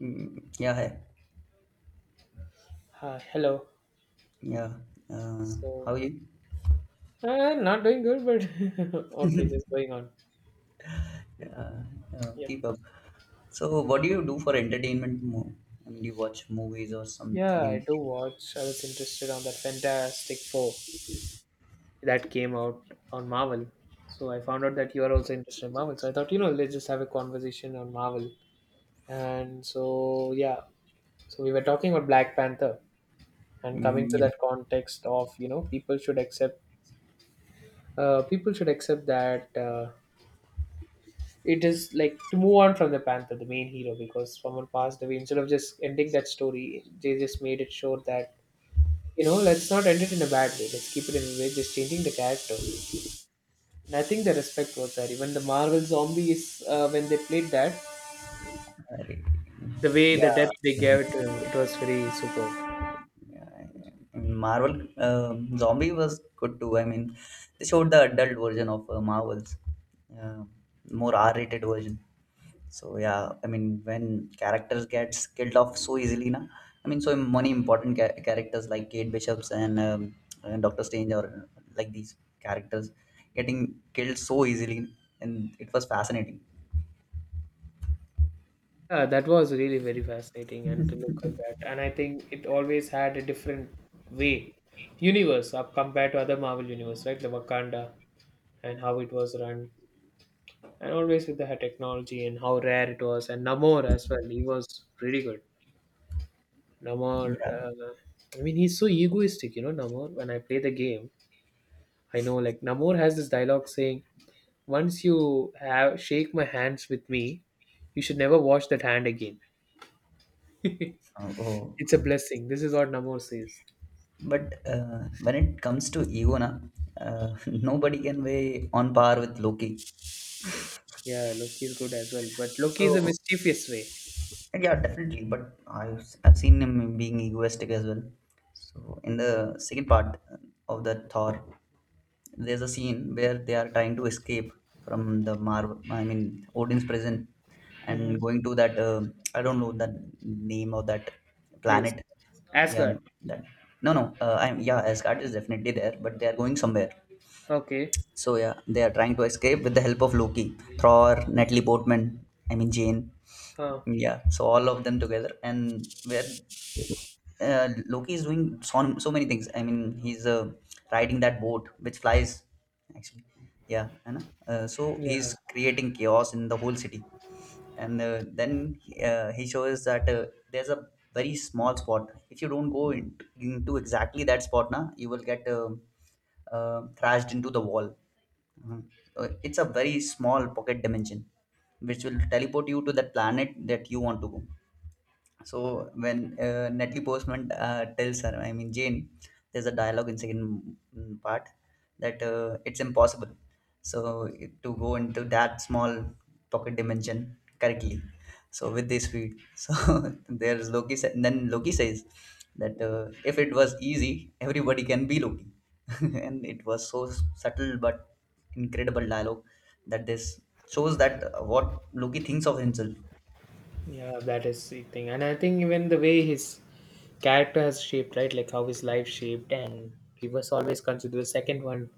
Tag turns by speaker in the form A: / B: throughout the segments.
A: Yeah, hi.
B: Hello.
A: Yeah. Uh, how
B: So,
A: you
B: not doing good, but okay, just going on.
A: uh,
B: Yep.
A: keep up? So, what do you do for entertainment more? I mean, do you watch movies or something
B: Yeah, I
A: in
B: do
A: particular?
B: watch. I was interested on that Fantastic Four that came out on Marvel. So I found out that you are also interested in Marvel. So I thought, let's just have a conversation on Marvel. And so, yeah, so we were talking about Black Panther and coming to
A: Yeah,
B: that context of, people should accept that. It is like to move on from the Panther, the main hero, because someone passed away. Instead of just ending that story, they just made it sure that let's not end it in a bad way. Let's keep it in a way, just changing the character. And I think the respect was there. Even the Marvel zombies, when they played that,
A: I-
B: the way the depth
A: yeah.
B: they gave it to him, it was very superb.
A: Yeah. I mean, Marvel Zombie was good too. I mean, they showed the adult version of Marvels, uh, more R-rated version. So yeah, I mean when characters gets killed off so easily, na. I mean, so many important characters like Kate Bishops and Doctor Strange or like these characters getting killed so easily, and it was fascinating.
B: Yeah, that was really very fascinating, and to look at that, and I think it always had a different way universe up compared to other Marvel universe, right? The Wakanda, and how it was run, and always with the technology, and how rare it was. And Namor as well, he was really good. Namor,
A: Yeah.
B: I mean, he's so egoistic, you know. Namor, when I play the game, I know, like, Namor has this dialogue saying, once you have shake my hands with me, you should never wash that hand again.
A: Oh,
B: It's a blessing, this is what Namor says.
A: but when it comes to ego, na, nobody can weigh on par with Loki.
B: Yeah, Loki is good as well, but Loki is a
A: So
B: mischievous way.
A: yeah, definitely. But I've seen him being egoistic as well. So in the second part of the Thor, there's a scene where they are trying to escape from the Mar, I mean Odin's prison,
B: Hmm.
A: and going to that I don't know the name of that
B: Place.
A: planet. Yeah,
B: Asgard.
A: that no no. I'm yeah, Asgard is definitely there, but they are going somewhere.
B: Okay.
A: So yeah, they are trying to escape with the help of Loki, Thor, Natalie Portman. I mean Jane.
B: Huh.
A: Yeah, so all of them together, and where Loki is doing so many things. I mean, he's riding that boat which flies, actually. Yeah, I know. So he's
B: Yeah.
A: creating chaos in the whole city, and then he shows that there's a very small spot. If you don't go into exactly that spot, now you will get thrashed into the wall. Mhm. It's a very small pocket dimension, which will teleport you to that planet that you want to go. So when Natalie Postman tells her, I mean Jane, there's a dialogue in second part that it's impossible. So to go into that small pocket dimension correctly. So with this speed, so there's Loki. Then Loki says that if it was easy, everybody can be Loki, and it was so subtle but incredible dialogue that this shows that what Loki thinks of himself.
B: Yeah, that is the thing. And I think even the way his character has shaped, right? Like how his life shaped and he was always considered the second one.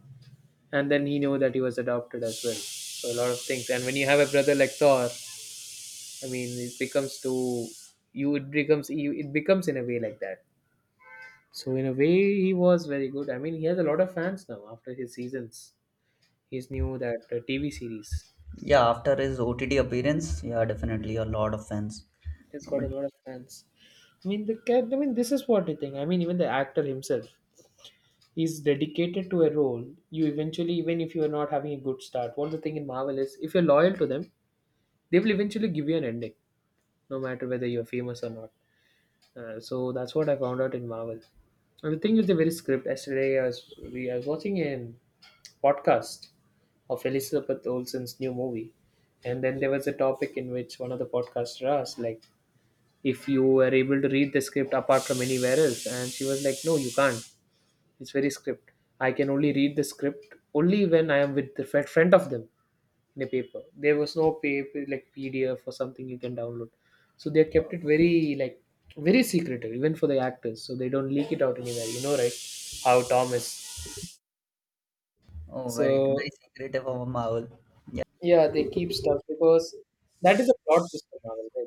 B: And then he knew that he was adopted as well. So a lot of things. And when you have a brother like Thor, I mean it becomes too, you it becomes in a way like that. So in a way he was very good. I mean he has a lot of fans now after his seasons. He's new that TV series.
A: Yeah, after his OTT appearance, yeah, definitely a lot of fans.
B: He's got
A: But
B: a lot of fans. I mean the cat. I mean this is what I think. I mean even the actor himself. He's dedicated to a role, you eventually, even if you're not having a good start. What the thing in Marvel is, if you're loyal to them, they will eventually give you an ending, no matter whether you're famous or not. So that's what I found out in Marvel. And the thing is the very script. Yesterday I was watching a podcast of Elizabeth Olsen's new movie, and then there was a topic in which one of the podcasters asked, like, if you were able to read the script apart from anywhere else, and she was like, no, you can't. It's very script. I can only read the script only when I am with the friend of them in a paper. There was no paper like PDF or something you can download. So they kept it very, like, very secretive even for the actors. So they don't leak it out anywhere. You know, right? How Tom is.
A: oh, very
B: So
A: very secretive of Marvel. Yeah,
B: yeah, they keep stuff because that is a plot twist of Marvel, right?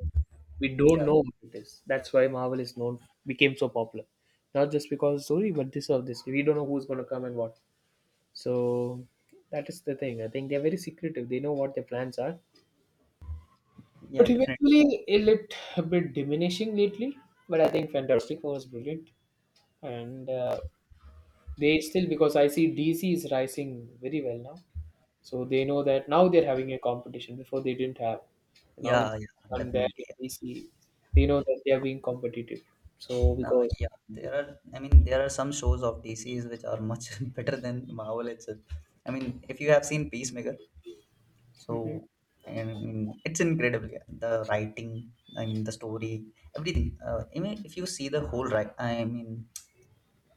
B: We don't
A: yeah,
B: know what it is. That's why Marvel is known, became so popular. Not just because of the story, but this or this. We don't know who's gonna come and what. So that is the thing. I think they're very secretive. They know what their plans are.
A: yeah,
B: But
A: definitely.
B: eventually, it looked a bit diminishing lately. But I think Fantastic Four was brilliant, and they still because I see DC is rising very well now. So they know that now they're having a competition. Before they didn't have. Now
A: Yeah,
B: it's
A: yeah,
B: done there
A: definitely.
B: with
A: Yeah.
B: DC. They know that they are being competitive. So
A: No,
B: because.
A: yeah, there are. I mean, there are some shows of DCs which are much better than Marvel itself. I mean, if you have seen Peacemaker, so
B: Mhm.
A: and I mean, it's incredible. Yeah. The writing, I mean, the story, everything. I mean, if you see the whole, right? I mean,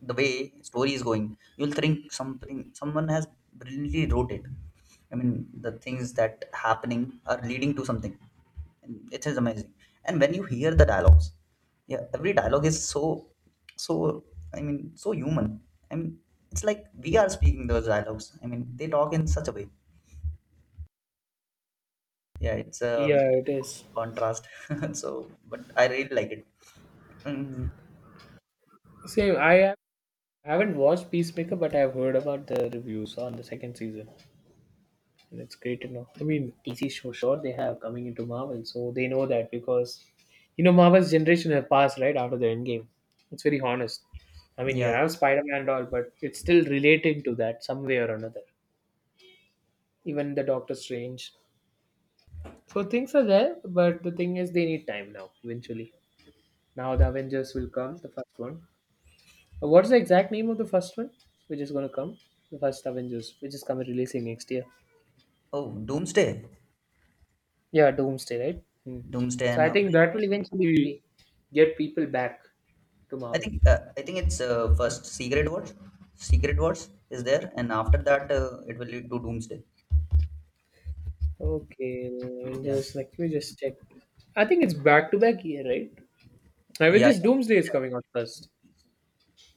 A: the way story is going you'll think something someone has brilliantly wrote it. I mean the things that happening are leading to something, and it is amazing. And when you hear the dialogues, yeah every dialogue is so so I mean so human. I mean it's like we are speaking those dialogues. I mean they talk in such a way. Yeah it's a
B: Yeah, it is
A: contrast. So but I really like it. Mm,
B: same. Haven't watched Peacemaker, but I've heard about the reviews on the second season. And it's great to know. I mean, DC show, sure, they have coming into Marvel, so they know that because, Marvel's generation have passed right after the Endgame. It's very honest. I mean, you
A: yeah.
B: have Spider Man and all, but it's still relating to that some way or another. Even the Doctor Strange. So things are there, but the thing is, they need time now, eventually. Now the Avengers will come, the first one. What's the exact name of the first one, which is going to come? The first Avengers, which is coming releasing next year.
A: Oh, doomsday.
B: Yeah, Doomsday, right? Hmm.
A: Doomsday
B: So
A: and
B: I
A: after.
B: think that will eventually get people back to Marvel.
A: I think it's first Secret Wars. Secret Wars is there, and after that it will lead to Doomsday.
B: Okay,
A: Yeah.
B: just like we just check. I think it's back to back year, right?
A: Yeah, yeah,
B: Avengers Doomsday is
A: yeah.
B: coming out first.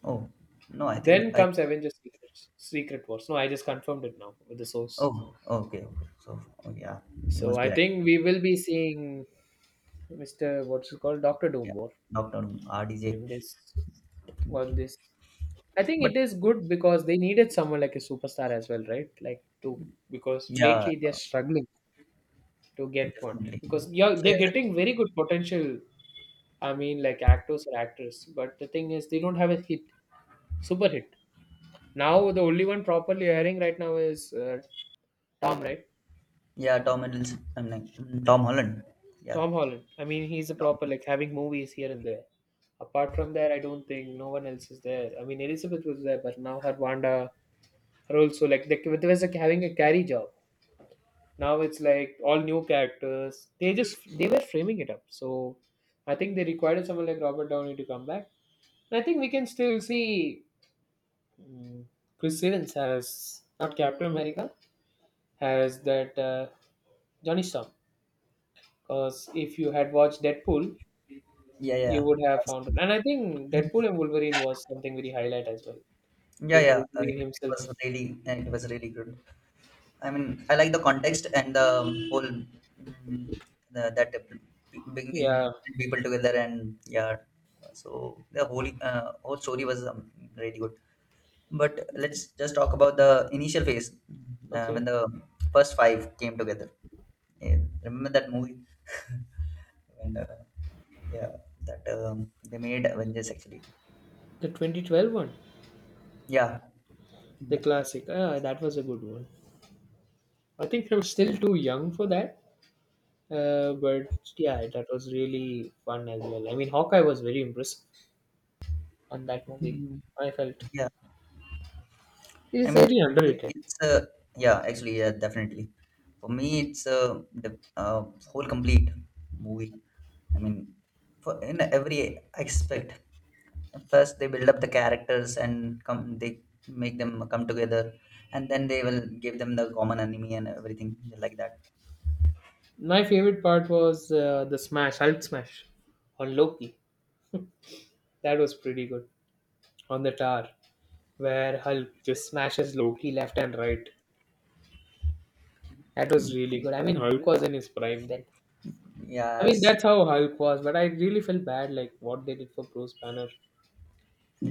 A: Oh no, I think
B: Then
A: I.
B: comes Avengers Secret Wars. No, I just confirmed it now with the source.
A: Oh, okay, okay. So oh, yeah, you
B: So
A: must be
B: I
A: right.
B: think we will be seeing Mr. What's it called? Doctor
A: Yeah,
B: Doom War
A: Doctor RDJ.
B: in this on this. I think it is good because they needed someone like a superstar as well, right? Like to, because
A: Yeah,
B: lately they're struggling to get one
A: definitely.
B: because
A: So
B: they're getting
A: yeah,
B: very good potential. I mean, like actors or actors, but the thing is, they don't have a hit, super hit. Now, the only one properly airing right now is Tom, right?
A: yeah, Tom Hiddleston. I'm like Tom Holland. Yeah,
B: Tom Holland. I mean, he's a
A: Tom.
B: proper like having movies here and there. Apart from that, I don't think no one else is there. I mean, Elizabeth was there, but now her Wanda are also like they was like having a carry job. Now it's like all new characters. They were framing it up. So I think they required someone like Robert Downey to come back. I think we can still see Chris Evans as not Captain America, as that Johnny Storm. Because if you had watched Deadpool,
A: Yeah, yeah,
B: you would have found it.
A: That's-
B: And I think Deadpool and Wolverine was something very highlight as well. I
A: yeah,
B: think
A: yeah. It,
B: Wolverine
A: it
B: himself.
A: was really, it was really good. I mean, I like the context and the whole that
B: Yeah.
A: bringing people together and yeah. So the whole whole story was really good. But let's just talk about the initial phase
B: Okay.
A: when the first five came together. Yeah, remember that movie? When, yeah, that they made Avengers actually.
B: The 2012 one,
A: Yeah,
B: the classic. Ah, that was a good one. I think I'm still too young for that. But yeah, that was really fun as well. I mean, Hawkeye was very impressive on that movie.
A: Mhm.
B: I felt.
A: Yeah.
B: It
A: I
B: is
A: mean,
B: highly underrated.
A: it's yeah, actually, yeah, definitely. For me, it's the whole complete movie. I mean, for in every aspect. First, they build up the characters and come. They make them come together, and then they will give them the common enemy and everything like that.
B: My favorite part was the smash, Hulk smash on Loki. That was pretty good. On the tower, where Hulk just smashes Loki left and right. That was really good. I mean, Hulk was in his prime then. I
A: Yeah, I've
B: mean,
A: seen.
B: that's how Hulk was, but I really felt bad, like, what they did for Bruce Banner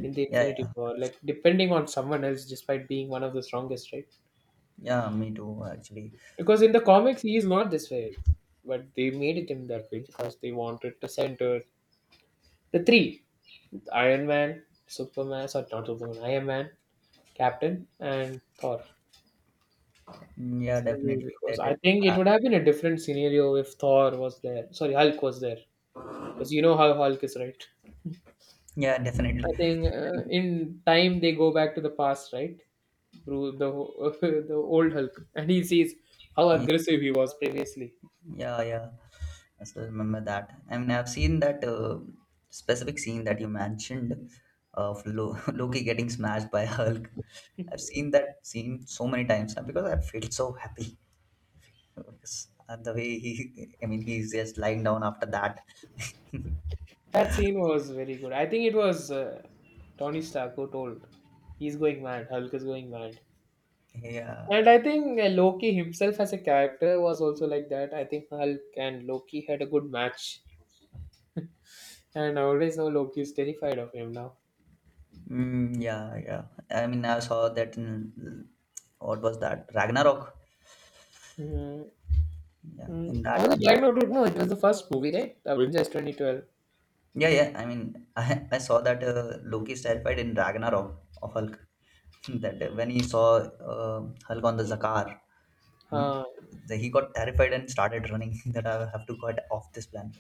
B: in the
A: Yeah,
B: Infinity
A: yeah,
B: War. Like, depending on someone else, despite being one of the strongest, right?
A: yeah. Me too, actually.
B: Because in the comics, he is not this way. But they made it him that way because they wanted to center the three Iron Man, Superman, sorry, not Superman, Iron Man, Captain, and Thor.
A: Yeah,
B: In a way,
A: definitely.
B: because I think
A: Uh,
B: it would have been a different scenario if Thor was there. Sorry, Hulk was there. Because you know how Hulk is, right?
A: yeah,
B: I
A: definitely.
B: think in time they go back to the past, right? Through the the old Hulk, and he sees how aggressive he was previously.
A: Yeah, yeah. I still remember that. I mean, I've seen that specific scene that you mentioned of Loki getting smashed by Hulk. I've seen that scene so many times now because I felt so happy. Because the way he, I mean, he's just lying down after that.
B: That scene was very good. I think it was Tony Stark who told he's going mad. Hulk is going mad.
A: Yeah.
B: And I think Loki himself as a character was also like that. I think Hulk and Loki had a good match. And I always know Loki is terrified of him now.
A: Mm, yeah, yeah. I mean, I saw that in, what was that? Ragnarok.
B: Mm,
A: Yeah,
B: mm.
A: in that.
B: On a black note, no, it was the first movie, right? Avengers 2012.
A: Yeah, yeah. I mean, I saw that Loki's terrified in Ragnarok of Hulk. That when he saw uh, Hulk on the Zakar, you know,
B: Uh,
A: he got terrified and started running. That I have to get off this planet.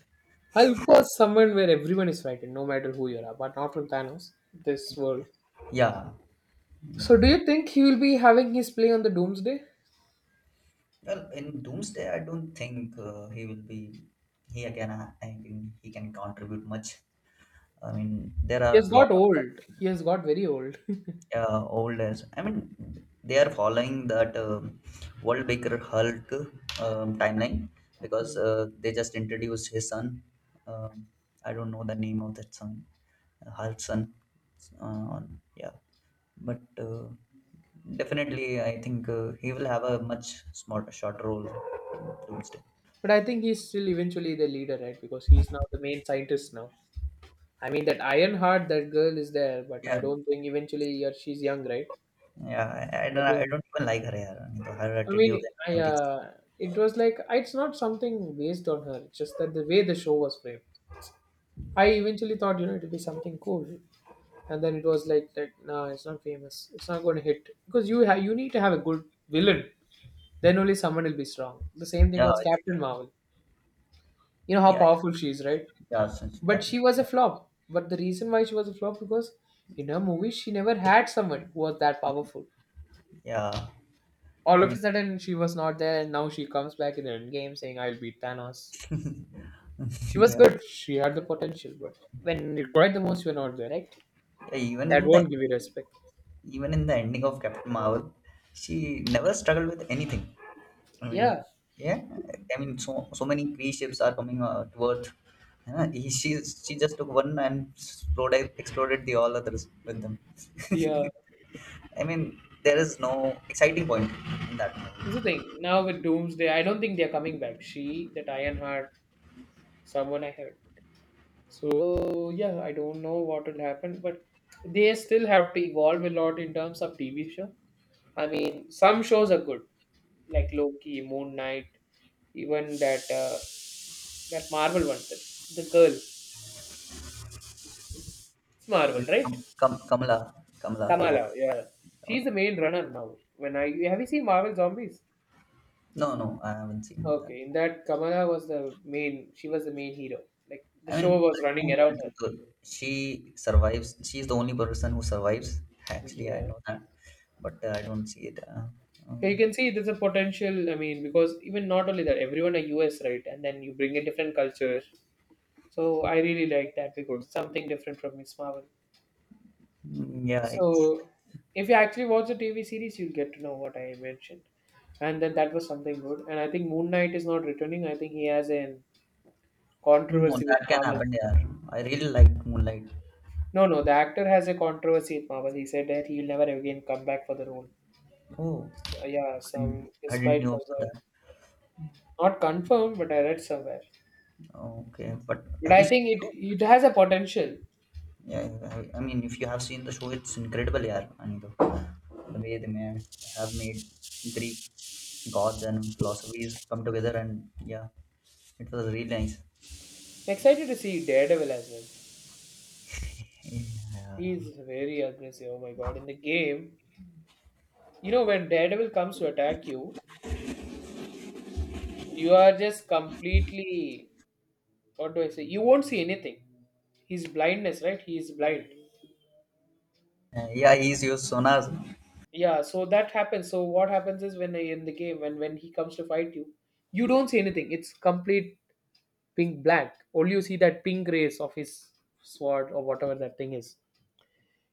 B: Hulk was someone where everyone is frightened, no matter who you are, but not from Thanos, this
A: Yeah,
B: world.
A: yeah, yeah,
B: So do
A: definitely.
B: you think he will be having his play on the Doomsday?
A: Well, in Doomsday, I don't think he will be. He again, I think he can contribute much. I mean, there are
B: He has
A: a lot
B: got
A: of them.
B: old. He has got very old.
A: Yeah old as I mean they are following that world baker hulk timeline because
B: Mm.
A: they just introduced his son, um, I don't know the name of that son, hulk's son, uh, yeah. But uh, definitely I think he will have a much smart short role in doomsday.
B: But I think he's still eventually the leader, right? Because he's now the main scientist now. I mean that iron heart that girl is there, but I
A: Yeah.
B: don't think eventually, yeah, she's young, right?
A: Yeah
B: I
A: I
B: think,
A: don't even like her. Yeah. I mean, her
B: I
A: attitude
B: mean,
A: and
B: I
A: everything.
B: it was like it's not something based on her. It's just that the way the show was framed. I eventually thought it'll be something cool, and then it was like nah, it's not famous. It's not going to hit because you need to have a good villain. Then only someone will be strong. The same thing
A: yeah
B: was
A: it's-
B: Captain Marvel. You know how
A: yeah
B: powerful she is, right?
A: yeah, yeah so it's
B: But
A: definitely
B: she was a flop. But the reason why she was a flop, because in her movie she never had someone who was that powerful.
A: yeah
B: All
A: I
B: of a
A: mean.
B: sudden she was not there, and now she comes back in the end game saying I'll beat Thanos. She was
A: Yeah,
B: good, she had the potential, but when required the most you're not there, right?
A: yeah,
B: That won't give you respect.
A: even in the ending of Captain Marvel, she never struggled with anything. I
B: Yeah,
A: mean, yeah, I mean, so so many pre ships are coming to Earth. Yeah, she just took one and exploded the all others with them.
B: yeah.
A: I mean, there is no exciting point in that
B: Here's the
A: movie.
B: thing, now with Doomsday I don't think they're coming back. She, that Ironheart, someone I heard. So yeah, I don't know what will happen, but they still have to evolve a lot in terms of TV show. I mean, some shows are good, like Loki, Moon Knight, even that that Marvel one, sir. The girl. It's Marvel,
A: Yeah,
B: right?
A: Kamala, Kamala,
B: Kamala,
A: Harris,
B: yeah. She's
A: Kamala.
B: the main runner now. When I Have you seen Marvel Zombies?
A: No, no, I haven't seen that.
B: Okay, in that Kamala was the main. She was the main hero. Like
A: I
B: the show
A: mean, I
B: was running
A: know
B: around
A: that,
B: her.
A: she survives. She's the only person who survives. Actually, I
B: Yeah.
A: know that, but I don't see it. Um,
B: So you can see there's a potential. I mean, because even not only that, everyone are US, right? And then you bring a different culture. So I really like that because something different from Miss Marvel.
A: yeah, it's,
B: So if you actually watch the TV series, you'll get to know what I mentioned. And then that was something good. And I think Moon Knight is not returning. I think he has a
A: no,
B: controversy with
A: that can
B: Marvel.
A: happen. Yeah, I really like Moonlight.
B: No, no, the actor has a controversy with Marvel. He said that he'll never again come back for the role.
A: Oh,
B: So yeah, some
A: I
B: his
A: didn't
B: fight
A: know
B: was
A: about that.
B: not confirmed, but I read somewhere.
A: Okay, but
B: But
A: have you
B: I
A: seen
B: think
A: the
B: it
A: show?
B: it has a potential.
A: Yeah, I mean, if you have seen the show, it's incredible. Yeah, Anito, the way they may have made Greek gods and philosophies come together, and yeah, it was really nice.
B: Excited to see Daredevil as well.
A: Yeah,
B: He's very aggressive. Oh my god! In the game, you know when Daredevil comes to attack you, you are just completely, what do I say? You won't see anything. He's blindness, right? He is blind.
A: Yeah, he's your Sonas.
B: Yeah, so that happens. So what happens is when in the game, when he comes to fight you, you don't see anything. It's complete pink blank. Only you see that pink rays of his sword or whatever that thing is.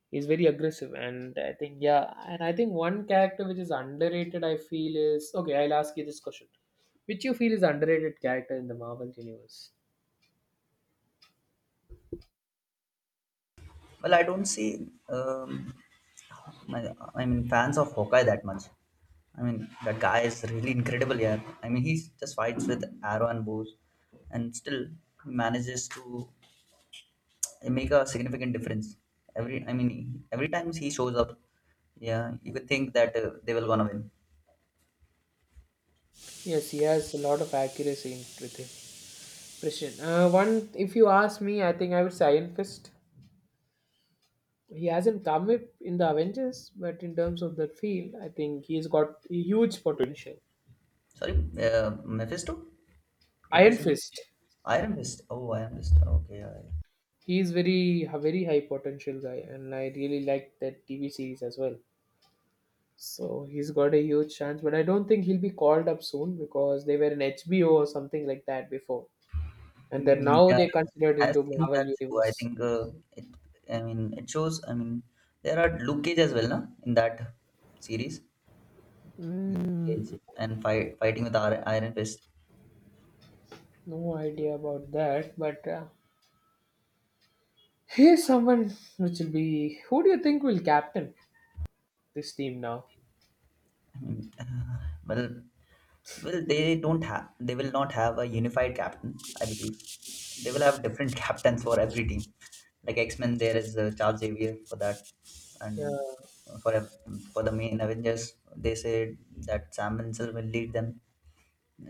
B: He's very aggressive, and I think yeah, and I think one character which is underrated, I feel is okay. I'll ask you this question: which you feel is underrated character in the Marvel universe?
A: Well, I don't see, um, my, I mean, fans of Hawkeye that much. I mean, that guy is really incredible. Yeah, I mean, he just fights with arrow and bows, and still manages to make a significant difference. I mean, every time he shows up, yeah, you could think that they will gonna win.
B: Yes, he has a lot of accuracy in, with him. Christian. One, if you ask me, I think I would say Iron Fist. He hasn't come up in the Avengers, but in terms of the field, I think he's got huge potential.
A: Sorry, uh, Mephisto? Did you
B: Iron
A: say
B: Fist.
A: Iron Fist? Oh, Iron Fist. Okay, yeah. Yeah.
B: He's very a very high potential guy, and I really like that TV series as well. So he's got a huge chance, but I don't think he'll be called up soon because they were in HBO or something like that before, and then
A: Mm,
B: now
A: yeah,
B: they considered
A: I've
B: into
A: seen that
B: Marvel
A: too. I
B: Universe.
A: think it. I mean, it shows. I mean, there are Luke Cage as well, na, in that series, Cage and fighting with Iron Fist.
B: No idea about that, but here's someone which will be. Who do you think will captain this team now?
A: I mean, well, well, they don't have. They will not have a unified captain. I believe they will have different captains for every team. Like X Men, there is Charles Xavier for that, and
B: Yeah.
A: for ev- for the main Avengers, they said that Sam Wilson will lead them.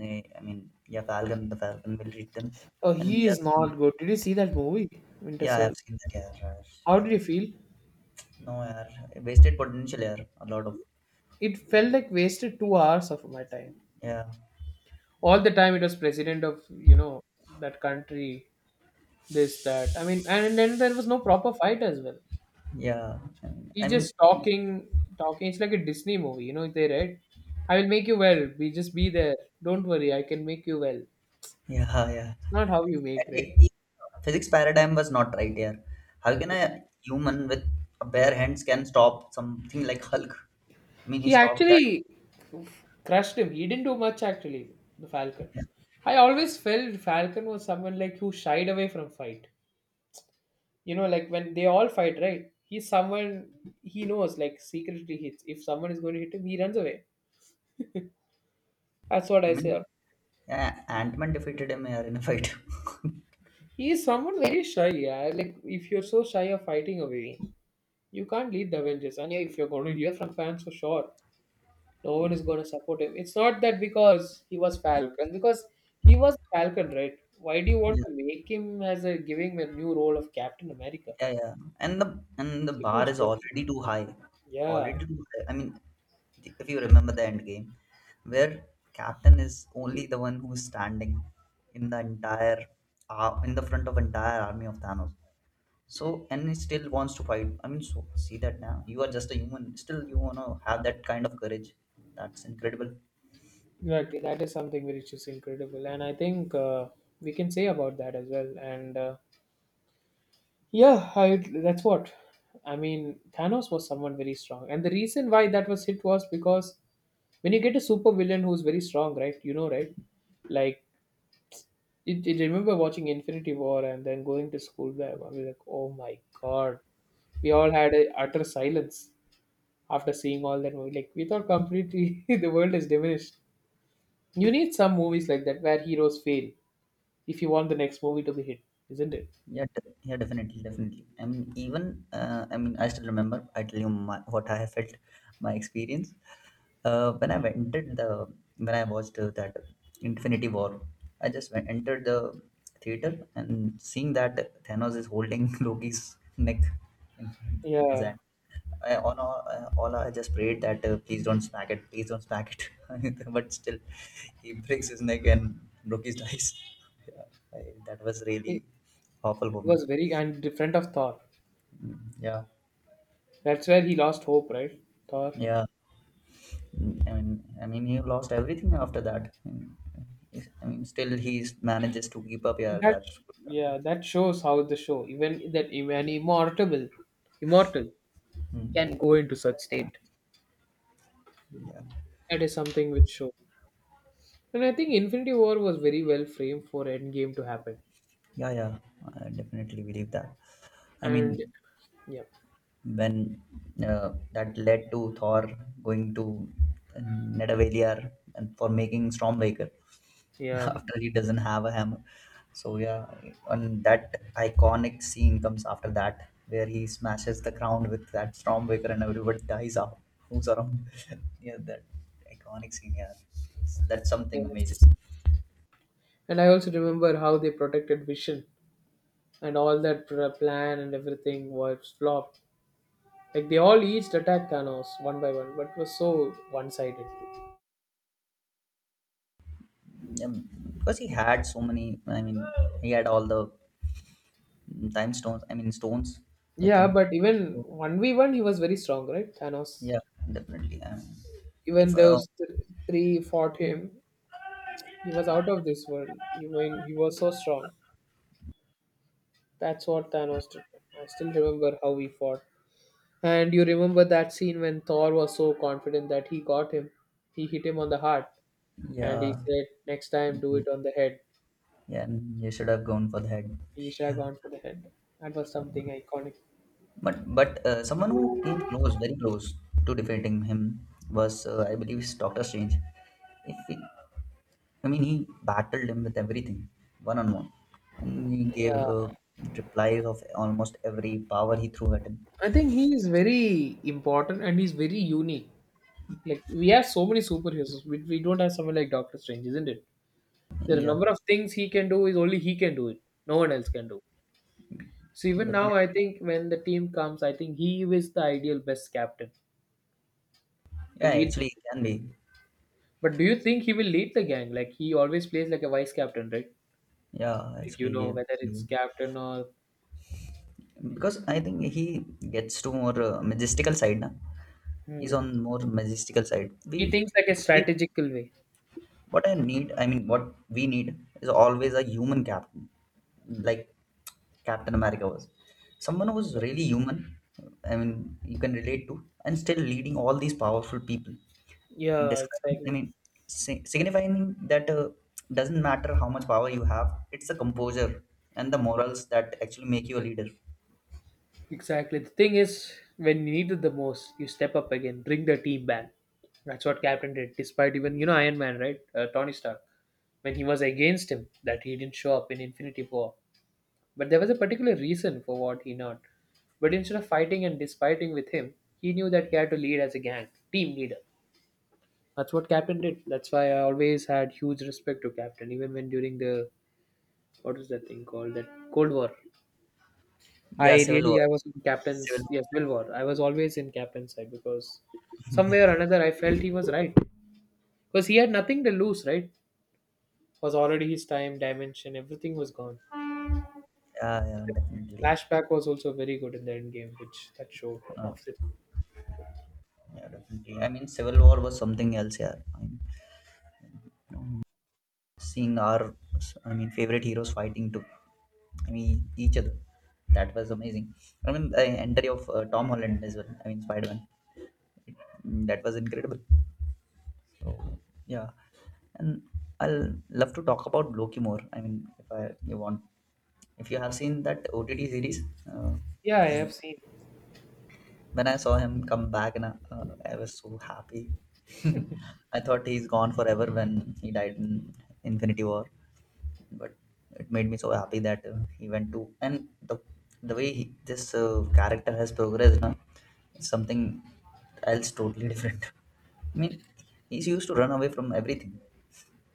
A: Eh, I mean, yeah, Falcon, the Falcon will read them.
B: Oh,
A: And
B: he is
A: yes,
B: not good. Did you see that movie, Winter
A: yeah, I have
B: Soldier?
A: seen that. Yeah, right.
B: How
A: Yeah,
B: did you
A: right.
B: feel?
A: No, yeah, yeah, wasted potential. Yeah, a lot of.
B: It felt like wasted 2 hours of my time.
A: Yeah,
B: All the time it was president of that country, this that. I mean, and then there was no proper fight as well.
A: yeah. I mean, I
B: He's just
A: mean
B: talking, talking. It's like a Disney movie. They right? I will make you well. We just be there. Don't worry. I can make you well. It's
A: yeah, yeah.
B: not how you make,
A: And
B: right?
A: Physics paradigm was not right here. How can
B: Yeah.
A: a human with a bare hands can stop something like Hulk? I mean, he
B: He
A: stopped that.
B: actually crushed him. He didn't do much actually, the Falcon.
A: Yeah.
B: I always felt Falcon was someone like who shied away from fight. You know, like when they all fight, right? He's someone he knows, like secretly hits. If someone is going to hit him, he runs away. That's what
A: I
B: I
A: mean,
B: say.
A: yeah, Ant-Man defeated him here in a fight.
B: He is someone very shy, yeah. Like if you're so shy of fighting away, you can't lead the Avengers. And yeah, if you're going to hear from fans for sure, no one is going to support him. It's not that because he was Falcon, because he was Falcon, right? Why do you want to make him as a giving a new role of Captain America?
A: Yeah, yeah. And the
B: It's a
A: bar
B: huge
A: is
B: burden.
A: already too high.
B: Yeah,
A: Already too high. I mean, if you remember the end game, where captain is only the one who's standing in the entire in the front of entire army of Thanos. So and he still wants to fight. I mean, so see that now you are just a human. Still, you wanna have that kind of courage. That's incredible.
B: exactly. That is something which is incredible, and I think we can say about that as well. And yeah, that's what I mean. Thanos was someone very strong, and the reason why that was hit was because when you get a super villain who's very strong, right? You know, right? Like it, remember watching Infinity War and then going to school there. I was like, oh my god. We all had a utter silence after seeing all that movie. Like, we thought completely the world is diminished. You need some movies like that where heroes fail if you want the next movie to be hit, isn't it?
A: Yeah, yeah, definitely, definitely. I mean, even I mean, I still remember. I tell you my, what I have felt, my experience. When I entered the when I watched that Infinity War, I just went, entered the theater and seeing that Thanos is holding Loki's neck in front in his
B: Yeah.
A: hand. I, on all I just prayed that please don't smack it, please don't smack it. But still, he breaks his neck and Loki dies. Yeah, I, that was
B: It
A: really Awful woman.
B: was very and different of Thor.
A: Mm, yeah,
B: That's where he lost hope, right? Thor.
A: yeah. I mean, he lost everything after that. I mean, still he manages to keep up. Yeah,
B: That,
A: that's good.
B: yeah, that shows how the show, even that even immortal
A: Mm,
B: can go into such state.
A: yeah,
B: That is something which shows. And I think Infinity War was very well framed for Endgame to happen.
A: yeah. I definitely believe that. I
B: And
A: mean,
B: yeah,
A: when that led to Thor going to Nidavellir and for making Stormbreaker.
B: yeah.
A: after he doesn't have a hammer. So yeah, and that iconic scene comes after that where he smashes the ground with that Stormbreaker and everybody dies out. Who's around? yeah, that iconic scene. Yeah, that's something amazing.
B: Yes. And I also remember how they protected Vision and all that plan and everything was flopped. Like they all each attacked Thanos one by one, but it was so one sided.
A: Yeah, because he had so many. I mean, he had all the time stones with
B: Yeah,
A: him.
B: but even
A: So,
B: 1v1, he was very strong, right? Thanos.
A: yeah, definitely. I mean, if
B: Even those three fought him, he was out of this world. Even he was so strong. That's what Thanos did. I still remember how he fought. And you remember that scene when Thor was so confident that he got him? He hit him on the heart, and he
A: yeah,
B: said, next time, do it on the head.
A: Yeah, you should have gone for the head.
B: He should have
A: Yeah.
B: gone for the head. That was something iconic.
A: But someone who came close, very close to defeating him was, I believe, is Doctor Strange. If he, I mean, he battled him with everything, one on one, and he gave
B: Yeah,
A: replies of almost every power he threw at him.
B: I think he is very important and he's very unique. Like, we have so many superheroes, we don't have someone like Doctor Strange, isn't it? There are a
A: Yeah,
B: number of things he can do, is only he can do it. No one else can do. So, even now, I
A: definitely.
B: think when the team comes, I think he is the ideal best captain
A: Yeah,
B: to lead the
A: actually,
B: team.
A: it can be.
B: But do you think he will lead the gang? Like he always plays like a vice captain, right?
A: Yeah,
B: Like you
A: actually,
B: know
A: it can
B: whether it's
A: do.
B: captain or
A: Because I think he gets to more majestical side, na? He's
B: Hmm.
A: on more majestical side.
B: he
A: We
B: thinks like a
A: we
B: strategical way.
A: what I need, I mean, what we need is always a human captain, like Captain America was. Someone who's really human, I mean, you can relate to, and still leading all these powerful people.
B: Yeah,
A: Describing, I
B: exactly.
A: mean, signifying that doesn't matter how much power you have, it's the composure and the morals that actually make you a leader.
B: Exactly. The thing is, when you need it the most, you step up again, bring the team back. That's what Captain did. Despite even Iron Man, right? Tony Stark, when he was against him, that he didn't show up in Infinity War. But there was a particular reason for what he not. But instead of fighting and despiting with him, he knew that he had to lead as a gang, team leader. That's what Captain did. That's why I always had huge respect to Captain, even when during the what is that thing called that Cold War. I
A: Yeah, Civil War.
B: really I was in Captain's,
A: Civil,
B: yes, Civil War. I was always in Captain's side because somewhere
A: yeah,
B: or another I felt he was right because he had nothing to lose. Right, was already his time, dimension, everything was gone. The
A: yeah, definitely.
B: flashback was also very good in the end game, which that showed.
A: Uh,
B: Of it.
A: yeah, definitely. I mean, Civil War was something else, yeah. Seeing our, I mean, favorite heroes fighting to, I mean, each other, that was amazing. I mean, the entry of Tom Holland as well, I mean, Spider-Man. Mm, that was incredible. So yeah, and I'll love to talk about Loki more. I mean if I you want, if you have seen that OTT series. uh,
B: Yeah, I
A: and
B: have seen.
A: when I saw him come back and uh, I was so happy. I thought he's gone forever when he died in Infinity War. But it made me so happy that he went to, and the way he, this character has progressed now is something else totally different. I mean, he's used to run away from everything,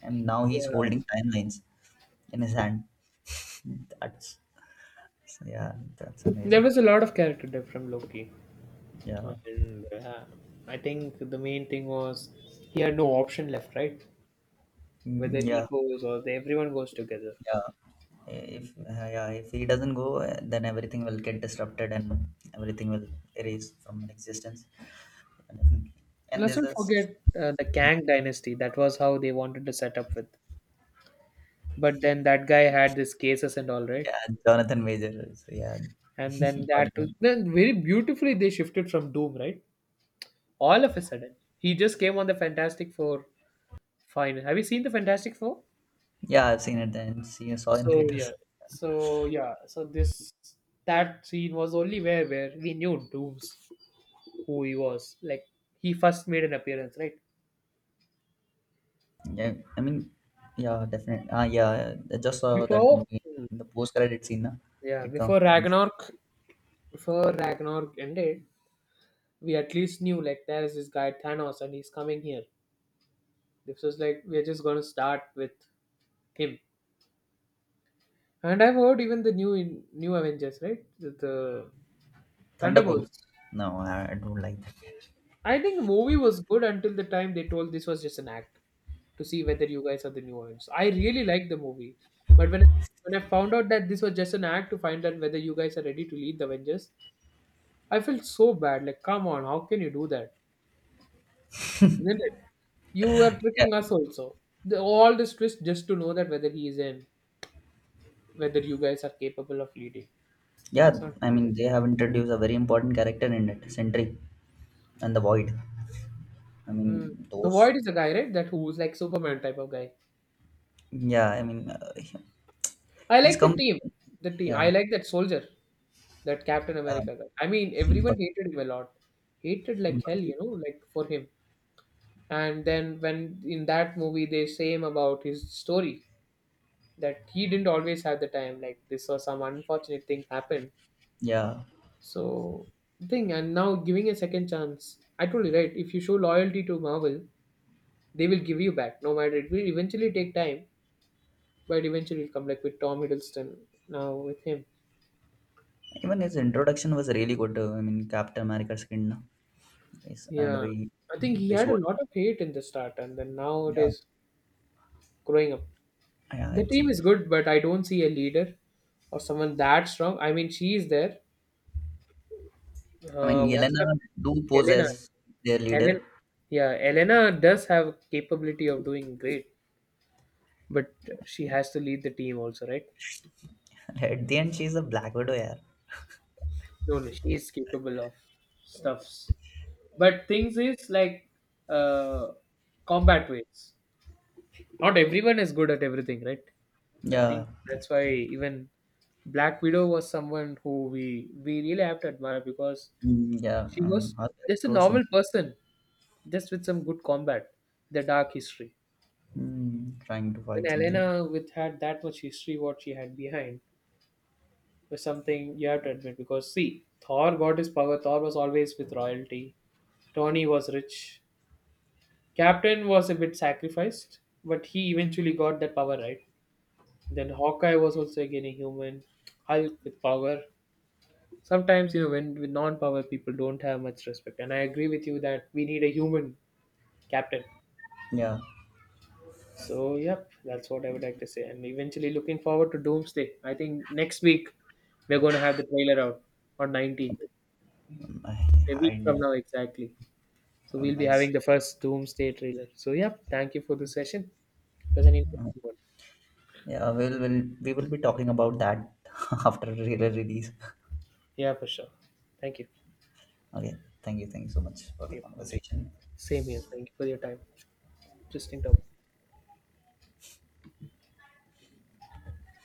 A: and now he's
B: Yeah,
A: holding timelines in his hand. That's Yeah, that's
B: there
A: amazing.
B: was a lot of character depth from Loki.
A: Yeah,
B: And I think the main thing was he had no option left, right?
A: mm,
B: Whether he
A: yeah,
B: goes or the, everyone goes together.
A: yeah. If Yeah, if he doesn't go, then everything will get disrupted and everything will erase from existence. And and
B: Let's
A: there's
B: not
A: a
B: forget the Kang dynasty. That was how they wanted to set up with. But then that guy had these cases and all, right?
A: Yeah, Jonathan Major. So yeah,
B: And then
A: got it.
B: very beautifully they shifted from Doom, right? All of a sudden, he just came on the Fantastic Four final. Have you seen the Fantastic Four?
A: Yeah, I've seen it then. See I saw in
B: So
A: theaters.
B: yeah, so this that scene was only where we knew Doom's who he was. Like he first made an appearance, right?
A: Yeah, I mean, yeah, Definitely. Ah, yeah, I just saw that
B: Before
A: movie.
B: Hmm.
A: The post-credit scene, na?
B: Yeah,
A: It comes
B: before Ragnarok before Ragnarok ended, we at least knew like there is this guy Thanos and he's coming here. This was like we're just gonna start with him. And I've heard even the new new Avengers, right? The
A: Thunderbolts.
B: Thunderbolts.
A: No, I don't like that.
B: I think the movie was good until the time they told this was just an act to see whether you guys are the new ones. I really liked the movie, but when I found out that this was just an act to find out whether you guys are ready to lead the Avengers, I felt so bad. Like, come on, how can you do that? Isn't it? You were
A: Yeah,
B: tricking us also. All this twist just to know that whether he is in, whether you guys are capable of leading. It's
A: yeah.
B: not
A: I
B: good,
A: mean,
B: is
A: they have introduced a very important character in it, Sentry and the Void. I
B: it? Mm.
A: mean,
B: The
A: those.
B: Void is a guy, right? That who's like Superman type of guy.
A: Yeah, I mean, uh,
B: I
A: he's
B: like the
A: come.
B: team. The team. I
A: Yeah,
B: like that soldier. That Captain
A: uh,
B: America guy. I mean, everyone
A: Bucky,
B: hated him a lot. Hated like hell,
A: Bucky.
B: like for him. And then when in that movie they say him about his story that he didn't always have the time, like this or some unfortunate thing happened.
A: Yeah,
B: So thing and now giving a second chance. I told you right, if you show loyalty to Marvel, they will give you back. No matter it will eventually take time, but eventually it'll come like with Tom Hiddleston now with him.
A: even his introduction was really good. I mean, Captain America's skin no? Is the
B: Yeah.
A: way
B: I think he
A: they
B: had a
A: showed.
B: lot of hate in the start and then now it
A: Yeah,
B: is growing up.
A: yeah,
B: The
A: it's.
B: team is good, but I don't see a leader or someone that strong. I mean, she is there.
A: I mean,
B: What's
A: Yelena
B: up,
A: do pose
B: Elena?
A: as their
B: Elena,
A: leader.
B: yeah, Elena does have capability of doing great, but she has to lead the team also, right?
A: At the end, she's a Black Widow. Yeah,
B: No, no, she is capable of stuffs. But things is like uh, combat ways. Not everyone is good at everything, right? I
A: yeah,
B: think that's why even Black Widow was someone who we really have to admire because
A: mm, yeah.
B: she was
A: Her
B: just a
A: character was some-
B: normal person, just with some good combat, the dark history.
A: mm, trying to
B: When
A: fight something.
B: Elena with had that much history, what she had behind was something you have to admit. Because see, Thor got his power. Thor was always with royalty. Tony was rich. Captain was a bit sacrificed, but he eventually got that power right. Then Hawkeye was also again a human. Hulk with power. Sometimes when with non-power people don't have much respect, and I agree with you that we need a human captain.
A: Yeah,
B: So, yep, that's what I would like to say. And eventually looking forward to Doomsday. I think next week we're going to have the trailer out on 19th,
A: I
B: a week from
A: hide.
B: now exactly. So,
A: Oh,
B: we'll be
A: nice.
B: having the first Doomsday trailer. So, yep, thank you for the session. It was an interesting one.
A: Yeah, we will be talking about that after re release.
B: Yeah, for sure. Thank you.
A: Okay, thank you so much for the
B: Yep.
A: conversation.
B: Same here. Thank you for your time. Interesting topic.